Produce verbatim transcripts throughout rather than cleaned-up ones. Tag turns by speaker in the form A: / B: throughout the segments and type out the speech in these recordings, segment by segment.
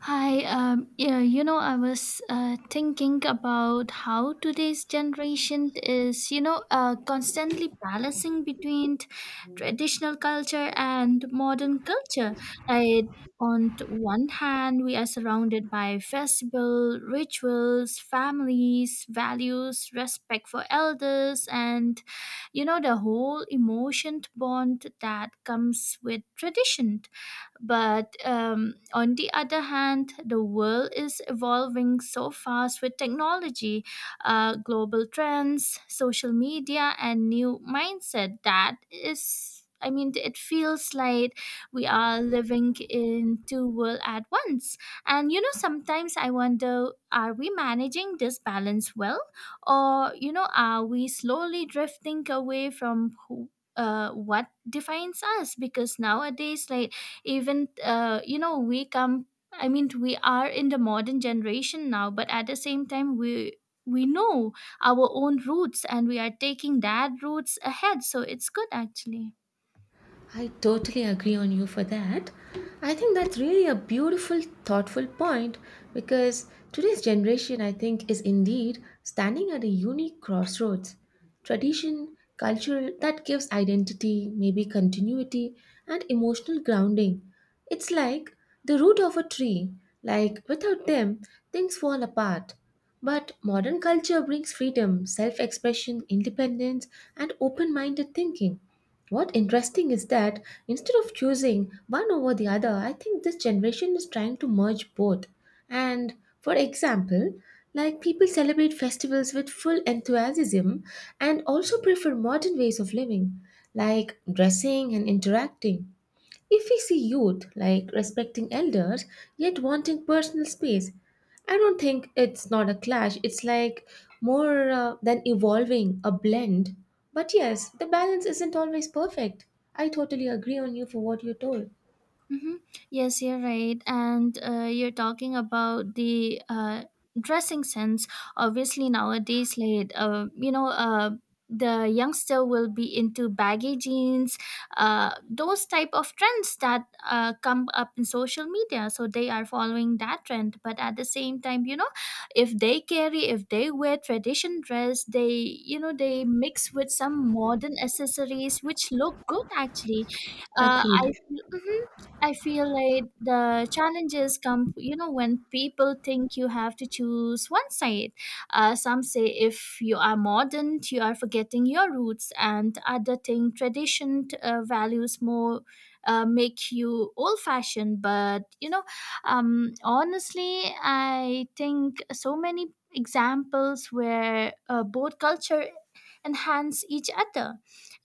A: Hi, um, yeah, you know, I was uh, thinking about how today's generation is, you know, uh, constantly balancing between t- traditional culture and modern culture. Like, on t- one hand, we are surrounded by festival, rituals, families, values, respect for elders, and, you know, the whole emotion bond that comes with tradition, but um, on the other hand, the world is evolving so fast with technology, uh, global trends, social media, and new mindset that is. I mean, it feels like we are living in two worlds at once. And you know, sometimes I wonder, are we managing this balance well? Or, you know, are we slowly drifting away from who, uh, what defines us? Because nowadays, like, even uh, you know we come, i mean we are in the modern generation now, but at the same time we we know our own roots and we are taking that roots ahead, so it's good actually.
B: I totally agree on you for that. I think that's really a beautiful, thoughtful point because today's generation, I think, is indeed standing at a unique crossroads. Tradition, cultural, that gives identity, maybe continuity, and emotional grounding. It's like the root of a tree, like without them, things fall apart. But modern culture brings freedom, self expression, independence, and open minded thinking. What interesting is that instead of choosing one over the other, I think this generation is trying to merge both. And for example, like people celebrate festivals with full enthusiasm and also prefer modern ways of living, like dressing and interacting. If we see youth like respecting elders yet wanting personal space, I don't think it's not a clash. It's like more uh, than evolving a blend. But yes, the balance isn't always perfect. I totally agree on you for what you told.
A: Mm-hmm. Yes, you're right. And uh, you're talking about the uh, dressing sense. Obviously, nowadays, like, uh, you know, uh, the youngster will be into baggy jeans, uh, those type of trends that uh, come up in social media. So they are following that trend. But at the same time, you know, if they carry, if they wear tradition dress, they, you know, they mix with some modern accessories which look good actually. Uh, I
B: Agreed.
A: Mhm. I feel like the challenges come, you know, when people think you have to choose one side. Uh, some say if you are modern, you are forgetting your roots, and other think tradition uh, values more uh, make you old fashioned. But, you know, um, honestly, I think so many examples where uh, both culture enhance each other,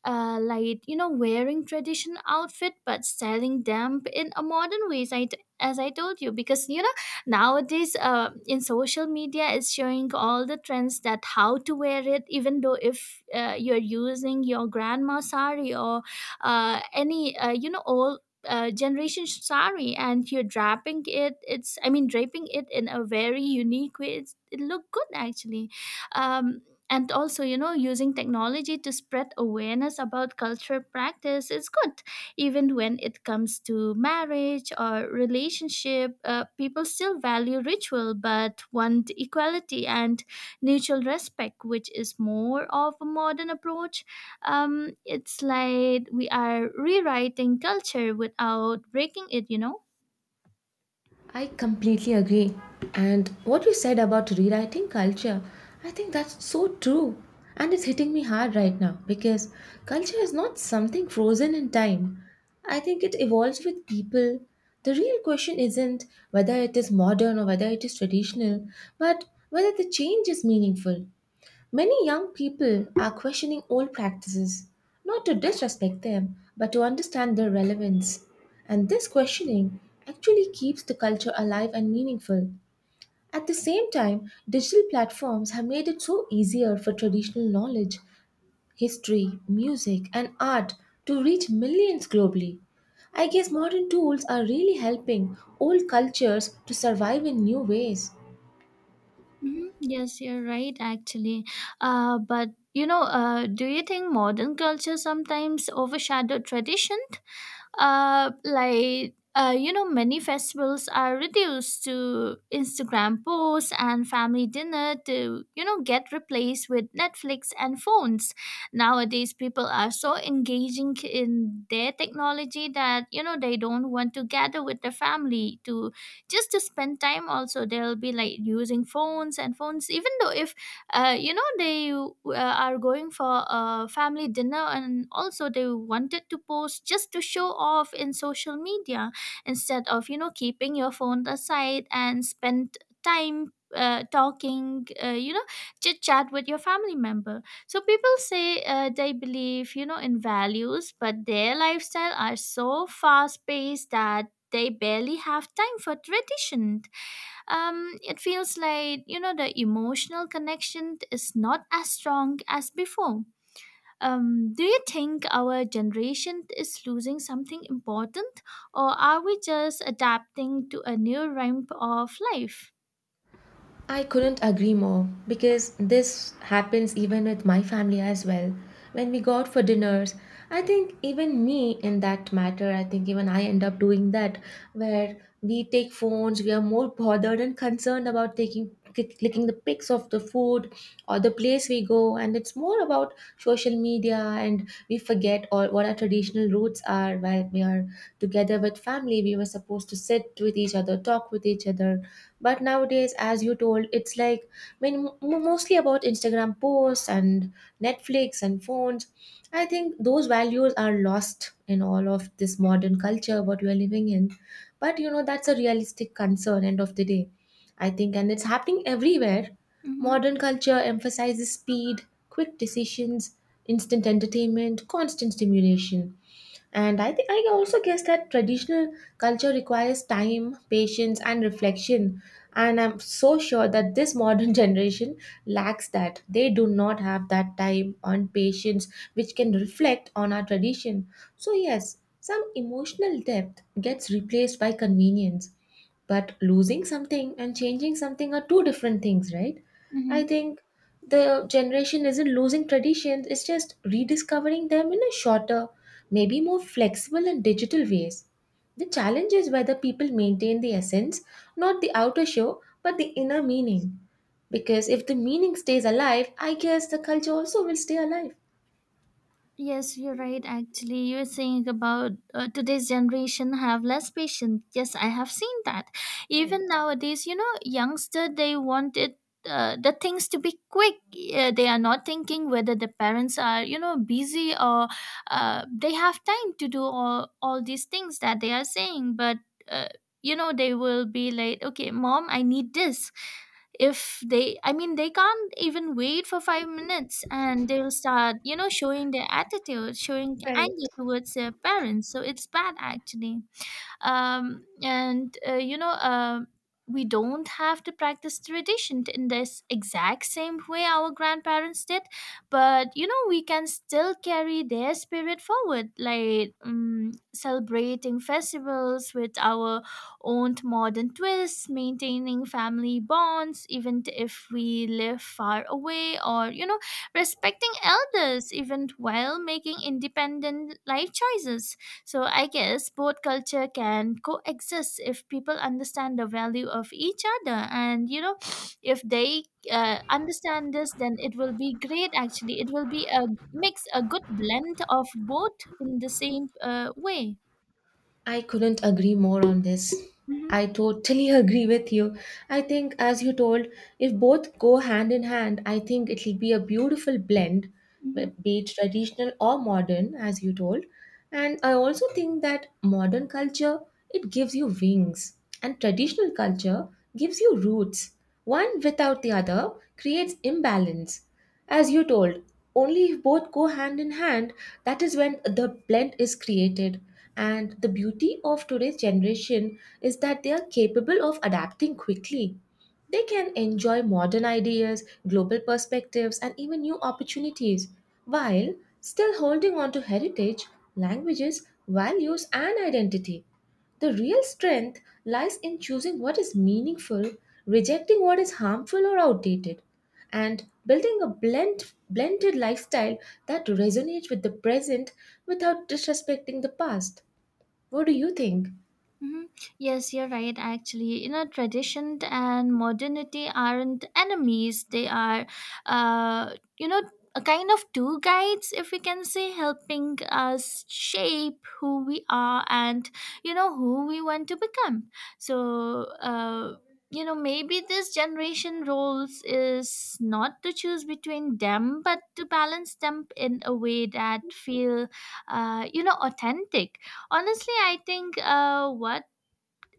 A: uh, like you know wearing tradition outfit but styling them in a modern ways. I, t- as I told you, because you know nowadays uh, in social media is showing all the trends that how to wear it, even though if uh, you're using your grandma sari or uh, any uh, you know old uh, generation sari and you're draping it, it's I mean draping it in a very unique way, it's, it look good actually. um and also, you know using technology to spread awareness about cultural practice is good, even when it comes to marriage or relationship. Uh, people still value ritual but want equality and mutual respect, which is more of a modern approach. Um, it's like we are rewriting culture without breaking it you know
B: I completely agree. And what you said about rewriting culture, I think that's so true. And it's hitting me hard right now because culture is not something frozen in time. I think it evolves with people. The real question isn't whether it is modern or whether it is traditional, but whether the change is meaningful. Many young people are questioning old practices, not to disrespect them, but to understand their relevance. And this questioning actually keeps the culture alive and meaningful. At the same time, digital platforms have made it so easier for traditional knowledge, history, music, and art to reach millions globally. I guess modern tools are really helping old cultures to survive in new ways.
A: Mhm. Yes, you're right, actually. Uh, but you know, uh, do you think modern culture sometimes overshadow tradition? Uh, like, uh, you know many festivals are reduced to Instagram posts and family dinner to you know get replaced with Netflix and phones. Nowadays, people are so engaging in their technology that you know they don't want to gather with the family to just to spend time. Also, they'll be like using phones and phones, even though if uh, you know they uh, are going for a family dinner, and also they wanted to post just to show off in social media, instead of you know keeping your phone aside and spend time uh, talking, uh, you know chit chat with your family member. So people say uh, they believe you know in values, but their lifestyle are so fast paced that they barely have time for tradition. Um, it feels like you know the emotional connection is not as strong as before. Um, do you think our generation is losing something important, or are we just adapting to a new ramp of life?
B: I couldn't agree more because this happens even with my family as well. When we go out for dinners, I think even me in that matter, I think even I end up doing that where we take phones, we are more bothered and concerned about taking click- clicking the pics of the food or the place we go and it's more about social media and we forget all what our traditional roots are. While we are together with family, we were supposed to sit with each other, talk with each other, but nowadays, as you told, it's like I mean m- mostly about Instagram posts and Netflix and phones. I think those values are lost in all of this modern culture what we are living in, but you know, that's a realistic concern end of the day, I think, and it's happening everywhere.
A: Mm-hmm.
B: Modern culture emphasizes speed, quick decisions, instant entertainment, constant stimulation. And I think I also guess that traditional culture requires time, patience, and reflection. And I'm so sure that this modern generation lacks that. They do not have that time and patience which can reflect on our tradition. So, yes, some emotional depth gets replaced by convenience. But losing something and changing something are two different things, right? I
A: Mm-hmm.
B: think the generation isn't losing traditions, it's just rediscovering them in a shorter, maybe more flexible and digital ways. The challenge is whether people maintain the essence, not the outer show, but the inner meaning. Because if the meaning stays alive, I guess the culture also will stay alive.
A: Yes, you're right. Actually, you are saying about uh, today's generation have less patience. Yes, I have seen that.
B: Right.
A: Even nowadays, you know, youngster they want it. Uh, the things to be quick, uh, they are not thinking whether the parents are you know busy or uh, they have time to do all, all these things that they are saying. But uh, you know they will be like, okay, mom, I need this. If they I mean, they can't even wait for five minutes, and they'll start you know showing their attitude, showing
B: Right.
A: anger towards their parents, so it's bad actually. Um, and uh, you know um we don't have to practice tradition in this exact same way our grandparents did, but you know we can still carry their spirit forward, like um, celebrating festivals with our own modern twists, maintaining family bonds even if we live far away, or you know respecting elders even while making independent life choices. So I guess both culture can coexist if people understand the value of each other, and you know, if they uh, understand this, then it will be great. Actually, it will be a mix, a good blend of both in the same uh, way.
B: I couldn't agree more on this.
A: Hmm.
B: I totally agree with you. I think, as you told, if both go hand in hand, I think it'll be a beautiful blend,
A: Hmm.
B: be it traditional or modern, as you told. And I also think that modern culture, it gives you wings, and traditional culture gives you roots. One without the other creates imbalance. As you told, only if both go hand in hand, that is when the blend is created, and the beauty of today's generation is that they are capable of adapting quickly. They can enjoy modern ideas, global perspectives, and even new opportunities while still holding on to heritage, languages, values, and identity. The real strength lies in choosing what is meaningful, rejecting what is harmful or outdated, and building a blend, blended lifestyle that resonates with the present without disrespecting the past. What do you think?
A: Hmm. Yes, you're right, actually. You know, tradition and modernity aren't enemies, they are, uh, you know, a kind of two guides, if we can say, helping us shape who we are and, you know, who we want to become. So, uh, you know, maybe this generation roles is not to choose between them, but to balance them in a way that feel, uh, you know, authentic. Honestly, I think uh, what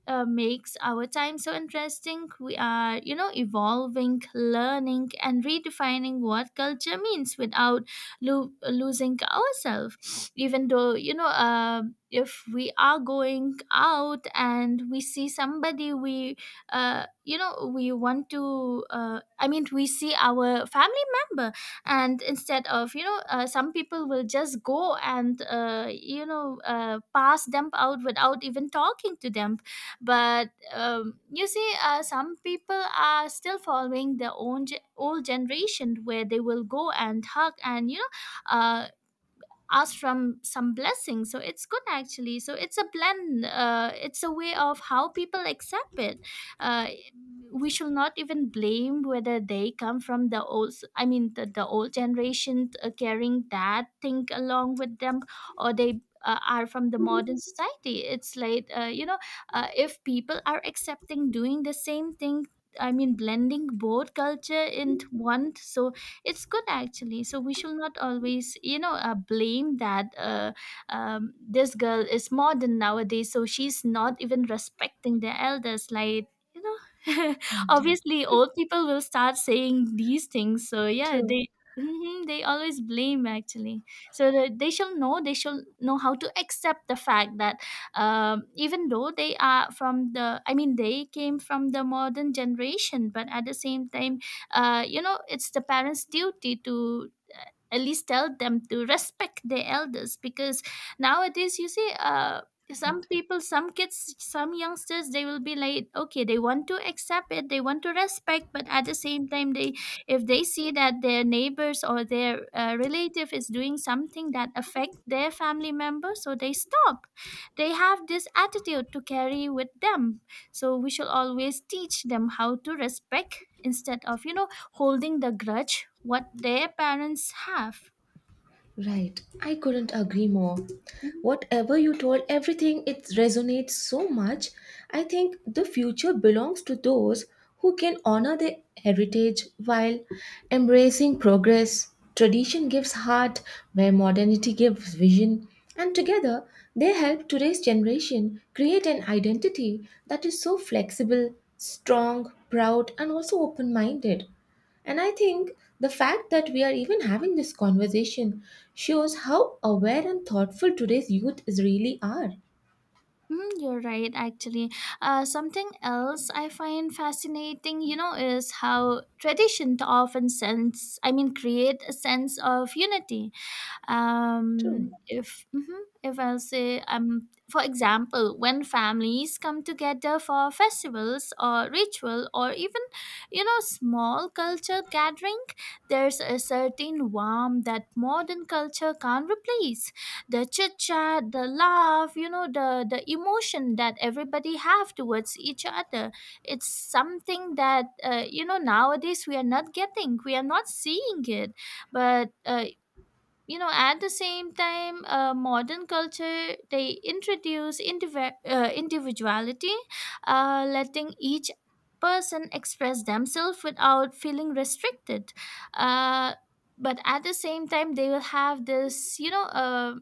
A: uh, makes our time so interesting. We are, you know, evolving, learning, and redefining what culture means without lo- losing ourselves. Even though, you know, uh, if we are going out and we see somebody, we, uh, you know, we want to, uh, I mean, we see our family member, and instead of, you know, uh, some people will just go and, uh, you know, uh, pass them out without even talking to them. But um, you see, uh, some people are still following their own ge- old generation, where they will go and hug and you know uh, ask from some blessings, so it's good actually. So it's a blend, uh, it's a way of how people accept it. uh, we should not even blame whether they come from the old I mean the, the old generation, uh, carrying that thing along with them, or they uh, are from the modern society. It's like, uh, you know uh, if people are accepting doing the same thing, I mean, blending both culture into one, so it's good actually. So we should not always you know uh, blame that, uh, um, this girl is modern nowadays so she's not even respecting the elders, like you know
B: Right.
A: obviously old people will start saying these things. So yeah,
B: True.
A: they. Mhm. They always blame actually. So the, they shall know, they shall know how to accept the fact that, um, even though they are from the I mean they came from the modern generation, but at the same time, uh, you know it's the parents duty to, uh, at least tell them to respect their elders, because nowadays you see, uh some
B: Right.
A: people, some kids, some youngsters, they will be like, okay, they want to accept it, they want to respect, but at the same time, they, if they see that their neighbors or their uh, relative is doing something that affect their family member, so they stop, they have this attitude to carry with them. So we shall always teach them how to respect, instead of you know holding the grudge what their parents have.
B: Right. I couldn't agree more.
A: Mhm.
B: Whatever you told, everything, it resonates so much. I think the future belongs to those who can honor their heritage while embracing progress. Tradition gives heart where modernity gives vision. And together, they help today's generation create an identity that is so flexible, strong, proud, and also open minded. And I think the fact that we are even having this conversation shows how aware and thoughtful today's youth is really are.
A: Mhm, you're right actually. Uh, something else I find fascinating, you know is how tradition often sense, I mean, create a sense of unity.
B: True,
A: Um if, mhm, if I'll say, um for example, when families come together for festivals or ritual or even you know small culture gathering, there's a certain warmth that modern culture can't replace. The chit chat, the laugh, you know the the emotion that everybody have towards each other. It's something that uh, you know nowadays we are not getting, we are not seeing it. But uh, you know at the same time, uh, modern culture they introduce indiv- uh, individuality, uh, letting each person express themselves without feeling restricted. uh, but at the same time, they will have this you know uh,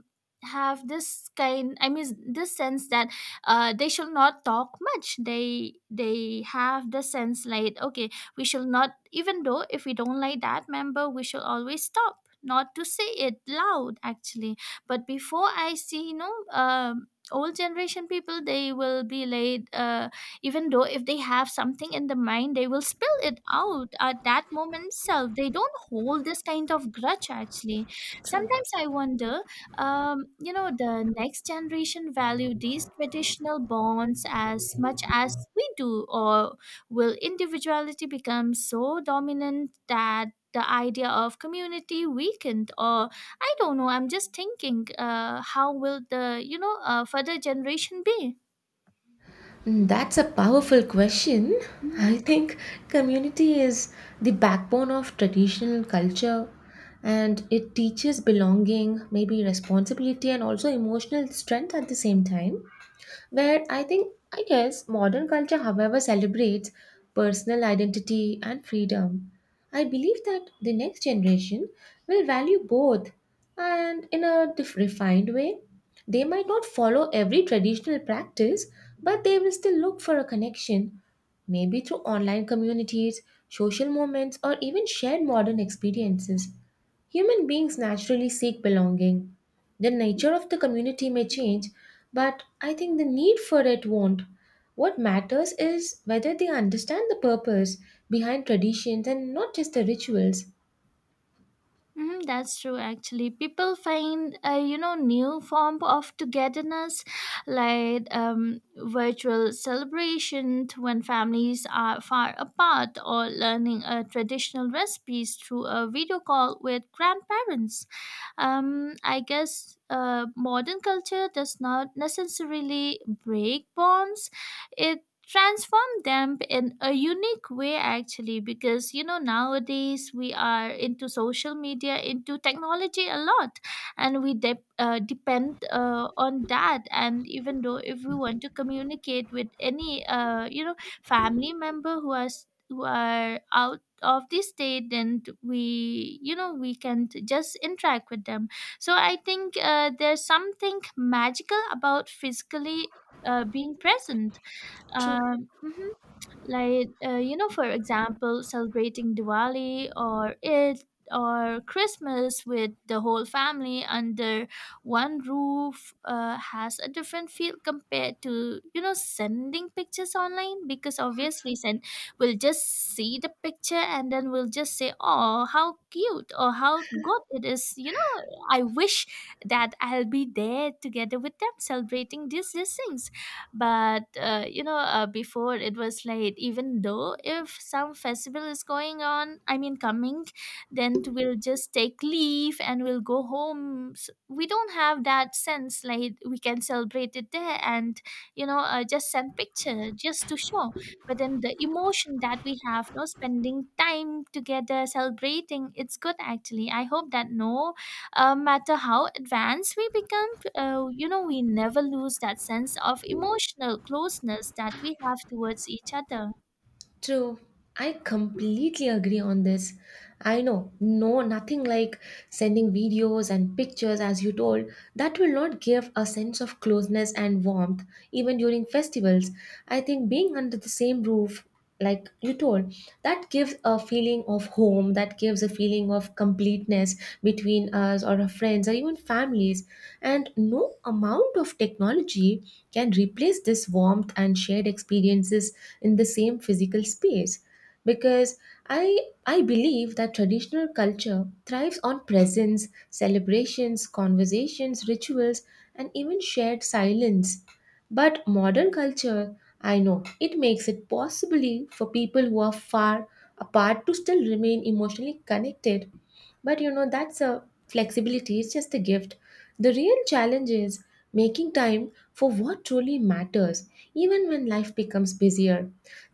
A: have this kind, I mean, this sense that uh, they should not talk much, they they have the sense like, okay, we should not, even though if we don't like that member we should always talk, not to say it loud actually. But before, I see, you know um old generation people, they will be late, uh, even though if they have something in the mind, they will spill it out at that moment itself, they don't hold this kind of grudge actually.
B: true.
A: Sometimes I wonder, um, you know the next generation value these traditional bonds as much as we do, or will individuality become so dominant that the idea of community weakened, or I don't know, I'm just thinking, uh, how will the you know uh, further generation be?
B: Mm, that's a powerful question. I think community is the backbone of traditional culture and it teaches belonging, maybe responsibility, and also emotional strength at the same time. Where I think, I guess, modern culture, however, celebrates personal identity and freedom. I believe that the next generation will value both, and in a dif- refined way. They might not follow every traditional practice, but they will still look for a connection, maybe through online communities, social moments, or even shared modern experiences. Human beings naturally seek belonging, the nature of the community may change, but I think the need for it won't. What matters is whether they understand the purpose behind traditions and not just the rituals.
A: Mm, that's true. Actually, people find uh, you know new form of togetherness, like um, virtual celebration when families are far apart, or learning uh, traditional recipes through a video call with grandparents. Um, I guess uh, modern culture does not necessarily break bonds; it transform them in a unique way actually because you know nowadays we are into social media into technology a lot and we de- uh, depend uh, on that, and even though if we want to communicate with any uh, you know family member who are s- who are out of the state, then we you know we can just interact with them. So I think uh, there's something magical about physically uh, being present
B: True.
A: um, mhm. Like, uh, you know, for example, celebrating Diwali or Eid or Christmas with the whole family under one roof uh, has a different feel compared to, you know, sending pictures online, because obviously, send we'll just see the picture and then we'll just say, oh, how cute or how good it is. You know, I wish that I'll be there together with them celebrating these, these things. But uh, you know uh, before it was like, even though if some festival is going on, I mean coming, then t- we'll just take leave and we'll go home. S we don't have that sense like we can celebrate it there, and you know uh, just send picture just to show. But then the emotion that we have, no, spending time together celebrating, it's good actually. I hope that, no uh, matter how advanced we become, uh, you know, we never lose that sense of emotional closeness that we have towards each other.
B: True. I completely agree on this. I know, no, nothing like sending videos and pictures, as you told. That will not give a sense of closeness and warmth, even during festivals. I think being under the same roof, like you told, that gives a feeling of home, that gives a feeling of completeness between us or our friends or even families. And no amount of technology can replace this warmth and shared experiences in the same physical space. Because I, I believe that traditional culture thrives on presence, celebrations, conversations, rituals, and even shared silence. But modern culture, I know, it makes it possibly for people who are far apart to still remain emotionally connected. But you know, that's a flexibility, it's just a gift. The real challenge is making time for what truly matters, even when life becomes busier.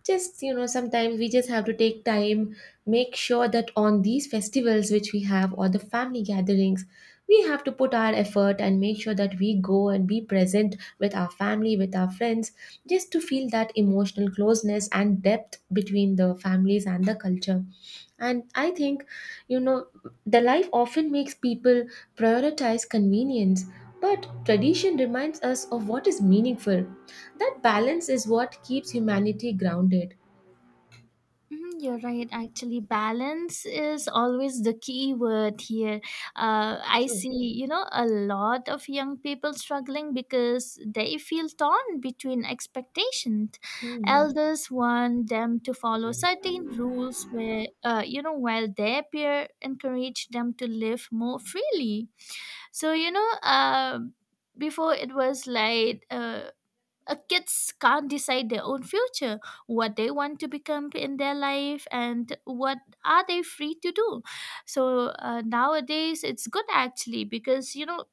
B: Just, you know, sometimes we just have to take time, make sure that on these festivals which we have or the family gatherings, we have to put our effort and make sure that we go and be present with our family, with our friends, just to feel that emotional closeness and depth between the families and the culture. And I think, you know, the life often makes people prioritize convenience, but tradition reminds us of what is meaningful. That balance is what keeps humanity grounded.
A: Mhm, you're right. Actually, balance is always the key word here. Uh, I see,
B: True.
A: you know, a lot of young people struggling because they feel torn between expectations.
B: Hmm.
A: Elders want them to follow certain rules, where uh, you know, while their peer encourage them to live more freely. So you know, uh, Before it was like. Uh, uh, kids can't decide their own future, what they want to become in their life, and what are they free to do. So uh, nowadays it's good actually, because you know,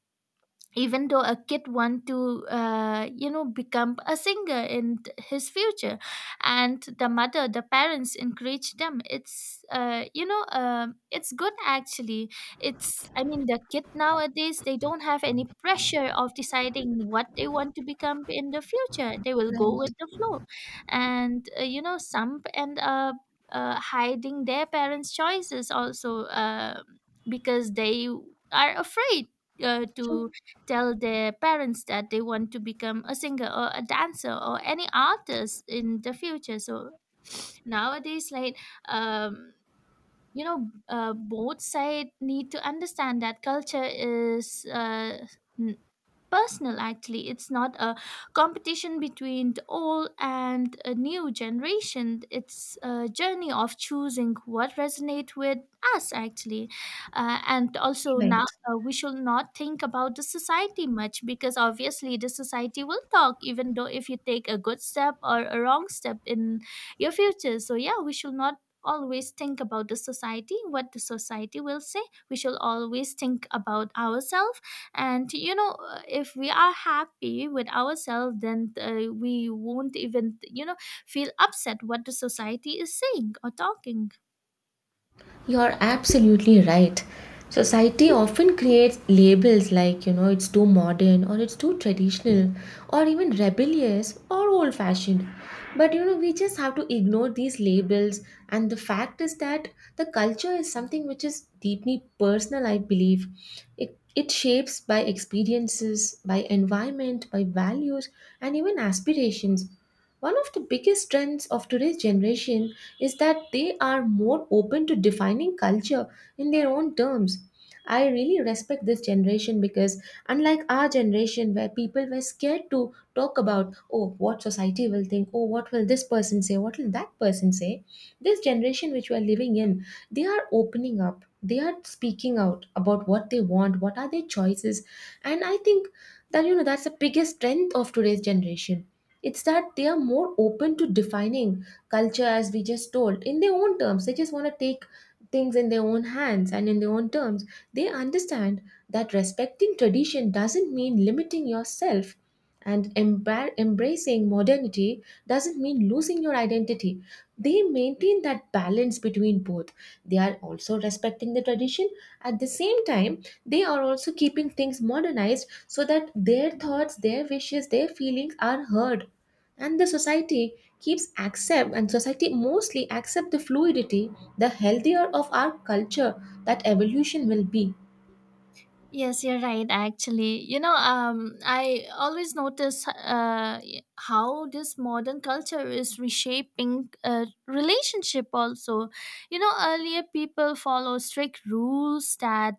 A: even though a kid want to uh, you know become a singer in th- his future, and the mother the parents encourage them, it's uh, you know uh, it's good actually. It's, I mean, the kid nowadays, they don't have any pressure of deciding what they want to become in the future. They will go with
B: Right.
A: the flow. And uh, you know some end up uh, hiding their parents choices also, uh, because they are afraid uh,
B: True.
A: to tell their parents that they want to become a singer or a dancer or any artist in the future. So nowadays like, um you know, uh, both side need to understand that culture is uh, n- personal actually. It's not a competition between the old and a new generation. It's a journey of choosing what resonate with us actually. Uh, and also now
B: Right.
A: uh, we should not think about the society much, because obviously the society will talk, even though if you take a good step or a wrong step in your future. So yeah, we should not always think about the society, what the society will say. We should always think about ourselves. And, you know, uh, if we are happy with ourselves, then uh, we won't even, you know, feel upset what the society is saying or talking.
B: You're absolutely right. Society often creates labels like, you know, it's too modern or it's too traditional or even rebellious or old fashioned. But, you know, we just have to ignore these labels. And the fact is that the culture is something which is deeply personal, I believe. It, it shapes by experiences, by environment, by values, and even aspirations. One of the biggest strengths of today's generation is that they are more open to defining culture in their own terms. I really respect this generation because, unlike our generation, where people were scared to talk about, oh, what society will think, oh, what will this person say, what will that person say, this generation which we are living in, they are opening up, they are speaking out about what they want, what are their choices. And I think that, you know, that's the biggest strength of today's generation. It's that they are more open to defining culture, as we just told, in their own terms. They just want to take things in their own hands and in their own terms. They understand that respecting tradition doesn't mean limiting yourself, and embar- embracing modernity doesn't mean losing your identity. They maintain that balance between both. They are also respecting the tradition, at the same time they are also keeping things modernized so that their thoughts, their wishes, their feelings are heard, and the society keeps accept, and society mostly accept the fluidity, the healthier of our culture, that evolution will be.
A: Yes, you're right. Actually, you know, um, I always notice uh, how this modern culture is reshaping uh, relationship. Also, you know, earlier people follow strict rules that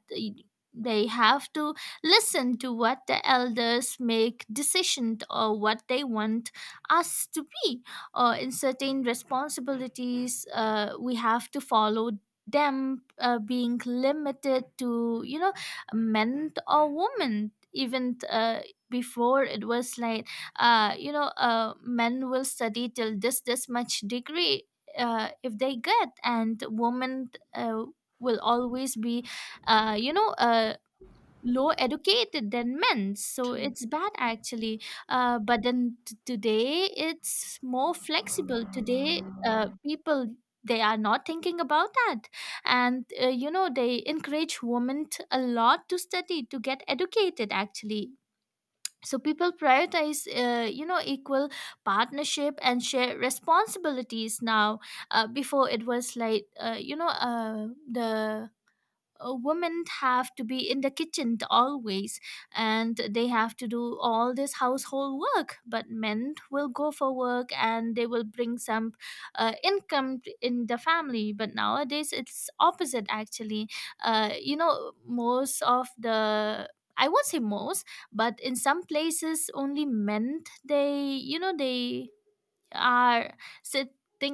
A: they have to listen to what the elders make decision, or what they want us to be, or in certain responsibilities, uh, we have to follow them uh, being limited to, you know, meant or women. Even uh, before it was like, uh, you know uh, men will study till this this much degree uh, if they get, and women uh, will always be uh, you know uh, low educated than men, so
B: True.
A: it's bad actually. Uh, but then t- today it's more flexible. Today uh, people, they are not thinking about that. And uh, you know they encourage women t- a lot to study, to get educated actually. So people prioritize uh, you know equal partnership and share responsibilities now. Uh, before it was like, uh, you know uh, the uh, women have to be in the kitchen always, and they have to do all this household work, but men will go for work and they will bring some uh, income in the family. But nowadays it's opposite actually. uh, you know most of the, I won't say most, but in some places only men, they you know they are sitting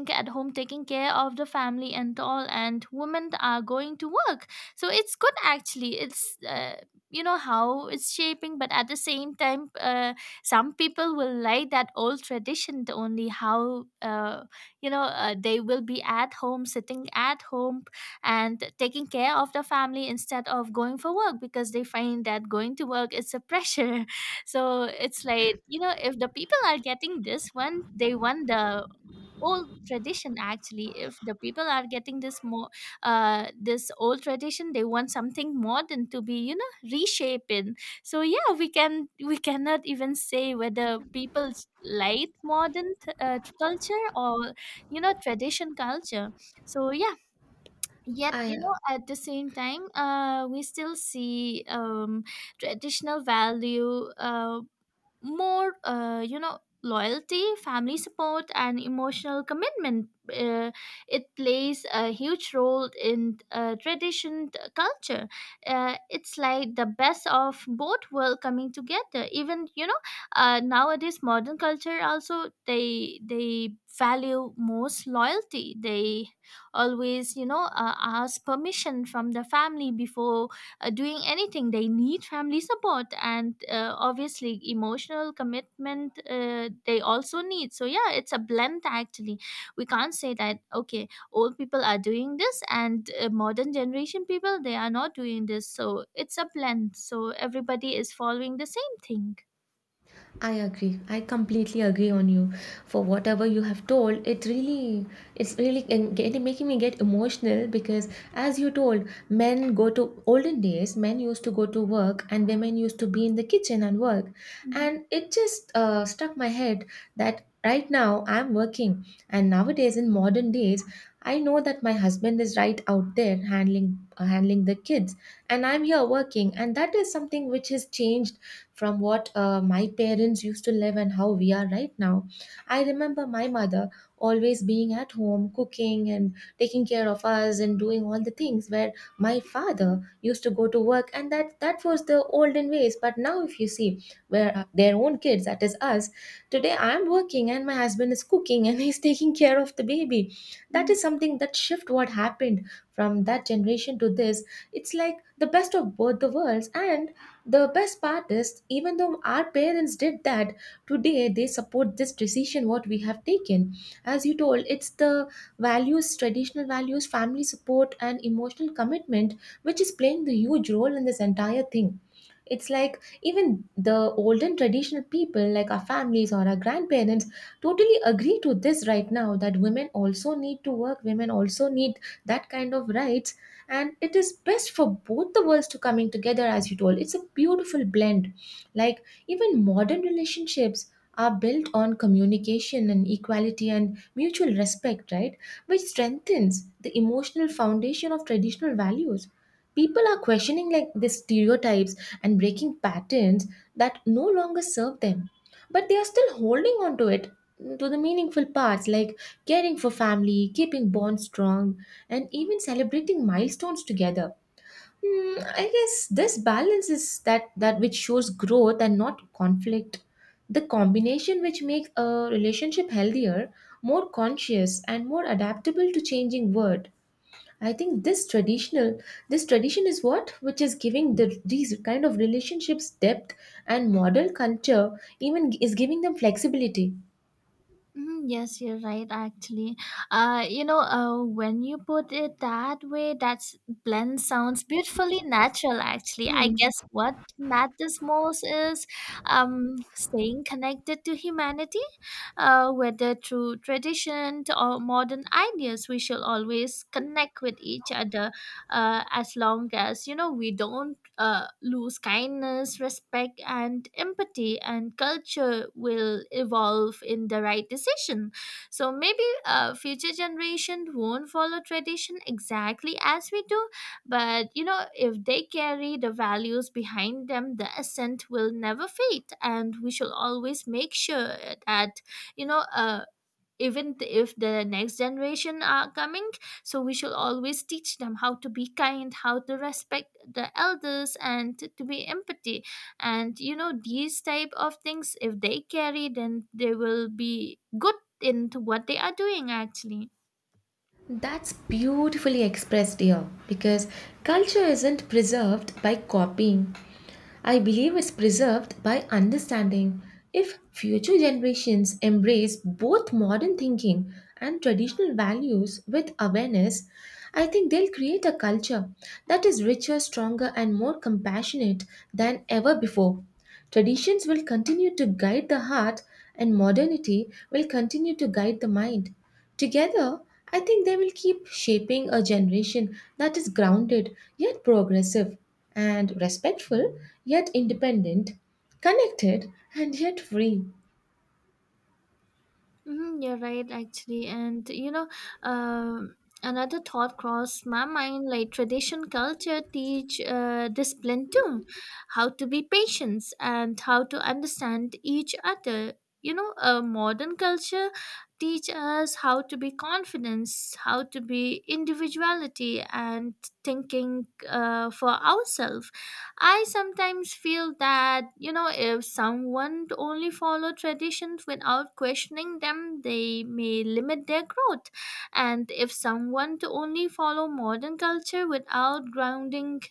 A: at home taking care of the family and all, and women are going to work. So it's good actually. It's, uh, you know how it's shaping. But at the same time uh, some people will like that old tradition, the only how, uh, you know uh, they will be at home, sitting at home, and taking care of the family instead of going for work, because they find that going to work is a pressure. So it's like, you know, if the people are getting this one, they want the old tradition actually. If the people are getting this more uh this old tradition, they want something modern to be, you know, reshaping. So yeah, we can we cannot even say whether people like modern uh, culture or, you know, tradition culture. So yeah, yet
B: I
A: you know at the same time, uh, we still see, um traditional value, uh more uh, you know loyalty, family support, and emotional commitment. uh, it plays a huge role in uh, tradition uh, culture. Uh, it's like the best of both world coming together. Even, you know, uh, nowadays modern culture also, they they value most loyalty. They always, you know uh, ask permission from the family before uh, doing anything. They need family support, and uh, obviously emotional commitment uh, they also need. So yeah, it's a blend actually. We can't say that okay, old people are doing this and uh, modern generation people they are not doing this. So it's a blend, so everybody is following the same thing.
B: I agree. I completely agree on you. For whatever you have told, it really, it's really en- getting making me get emotional because, as you told, men go to olden days. Men used to go to work, and women used to be in the kitchen and work.
A: Mhm.
B: And it just uh, struck my head that right now I'm working, and nowadays in modern days, I know that my husband is right out there handling uh, handling the kids, and I'm here working, and that is something which has changed from what uh, my parents used to live and how we are right now. I remember my mother always being at home, cooking and taking care of us and doing all the things where my father used to go to work, and that that was the olden ways. But now if you see where uh, their own kids, that is us today, I'm working and my husband is cooking and he's taking care of the baby. That
A: Mhm.
B: is something that shift what happened from that generation to this. It's like the best of both the worlds, and the best part is, even though our parents did that, today they support this decision what we have taken. As you told, it's the values, traditional values, family support, and emotional commitment which is playing the huge role in this entire thing. It's like even the olden traditional people, like our families or our grandparents, totally agree to this right now, that women also need to work, women also need that kind of rights, and it is best for both the worlds to coming together. As you told, it's a beautiful blend. Like, even modern relationships are built on communication and equality and mutual respect, right, which strengthens the emotional foundation of traditional values. People are questioning like the stereotypes and breaking patterns that no longer serve them, but they are still holding on to it, to the meaningful parts like caring for family, keeping bonds strong, and even celebrating milestones together. Hmm, I guess this balance is that that which shows growth and not conflict. The combination which makes a relationship healthier, more conscious, and more adaptable to changing world. I think this traditional, this tradition is what which is giving the, these kind of relationships depth, and model culture even is giving them flexibility.
A: Hmm. Yes, you're right. Actually, uh, you know, uh, when you put it that way, that's blend sounds beautifully natural. Actually, I
B: Hmm.
A: guess what matters most is, um, staying connected to humanity, uh, whether through tradition or modern ideas. We shall always connect with each other, uh, as long as you know we don't uh, lose kindness, respect, and empathy, and culture will evolve in the right decision. So maybe uh, future generation won't follow tradition exactly as we do, but you know, if they carry the values behind them, the ascent will never fade, and we shall always make sure that you know. Uh, even th- if the next generation are coming, so we should always teach them how to be kind, how to respect the elders, and t- to be empathy. And you know, these type of things, if they carry, then they will be good into what they are doing actually.
B: That's beautifully expressed here, because culture isn't preserved by copying. I believe it's preserved by understanding. If future generations embrace both modern thinking and traditional values with awareness, I think they'll create a culture that is richer, stronger, and more compassionate than ever before. Traditions will continue to guide the heart, and modernity will continue to guide the mind. Together, I think they will keep shaping a generation that is grounded yet progressive, and respectful yet independent, connected and yet free.
A: Mm-hmm, you're right, actually. And you know, um another thought crossed my mind, like tradition culture teach uh, discipline too, how to be patient and how to understand each other. You know, uh, modern culture teach us how to be confidence, how to be individuality, and thinking uh, for ourselves. I sometimes feel that, you know, if someone only follow traditions without questioning them, they may limit their growth. And if someone to only follow modern culture without grounding,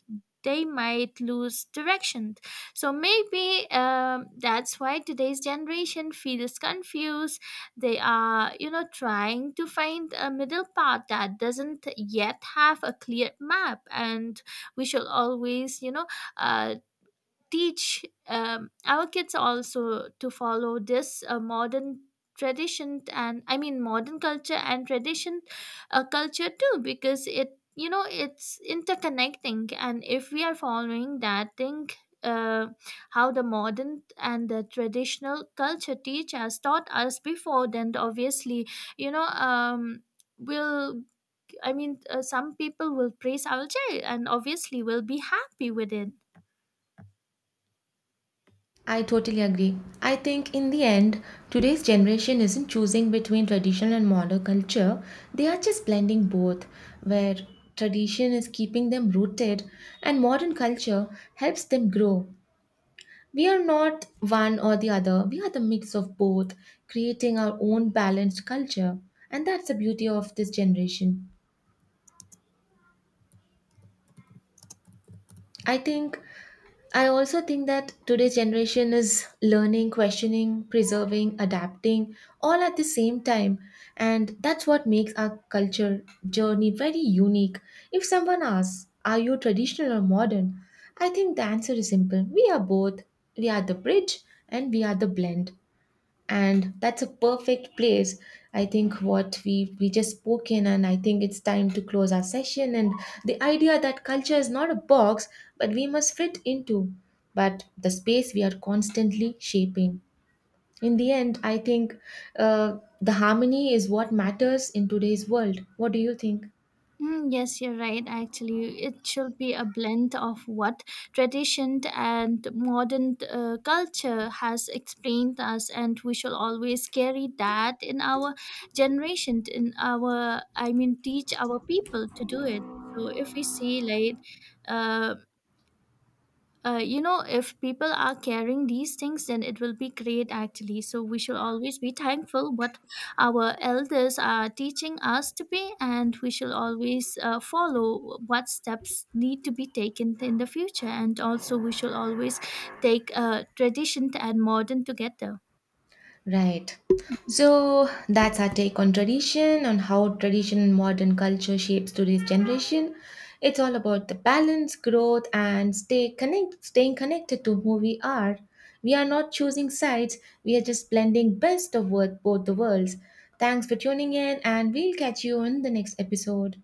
A: they might lose direction. So maybe um, that's why today's generation feels confused. They are, you know, trying to find a middle path that doesn't yet have a clear map. And we should always, you know, uh, teach um, our kids also to follow this uh, modern tradition, and I mean modern culture and tradition uh, culture too, because it, you know, it's interconnecting. And if we are following that thing, uh, how the modern and the traditional culture teach us, taught us before, then obviously, you know um will I mean uh, some people will praise our child and obviously will be happy with it.
B: I totally agree. I think in the end, today's generation isn't choosing between traditional and modern culture, they are just blending both, where tradition is keeping them rooted and modern culture helps them grow. We are not one or the other. We are the mix of both, creating our own balanced culture. And that's the beauty of this generation. I think, I also think that today's generation is learning, questioning, preserving, adapting, all at the same time. And that's what makes our culture journey very unique. If someone asks, are you traditional or modern? I think the answer is simple. We are both. We are the bridge and we are the blend. And that's a perfect place, I think, what we we just spoke in, and I think it's time to close our session. And the idea that culture is not a box but we must fit into, but the space we are constantly shaping. In the end, I think uh, the harmony is what matters in today's world. What do you think?
A: Mm, yes, you're right. Actually, it should be a blend of what tradition and modern uh, culture has explained us, and we shall always carry that in our generation, in our, I mean, teach our people to do it. So if we see like, uh, uh, you know if people are carrying these things, then it will be great actually. So we should always be thankful what our elders are teaching us to be, and we should always uh, follow what steps need to be taken in the future. And also we should always take uh, tradition and modern together.
B: Right. So that's our take on tradition, on how tradition and modern culture shapes today's generation. It's all about the balance, growth, and stay connect, staying connected to who we are. We are not choosing sides, we are just blending best of both both the worlds. Thanks for tuning in, and we'll catch you in the next episode.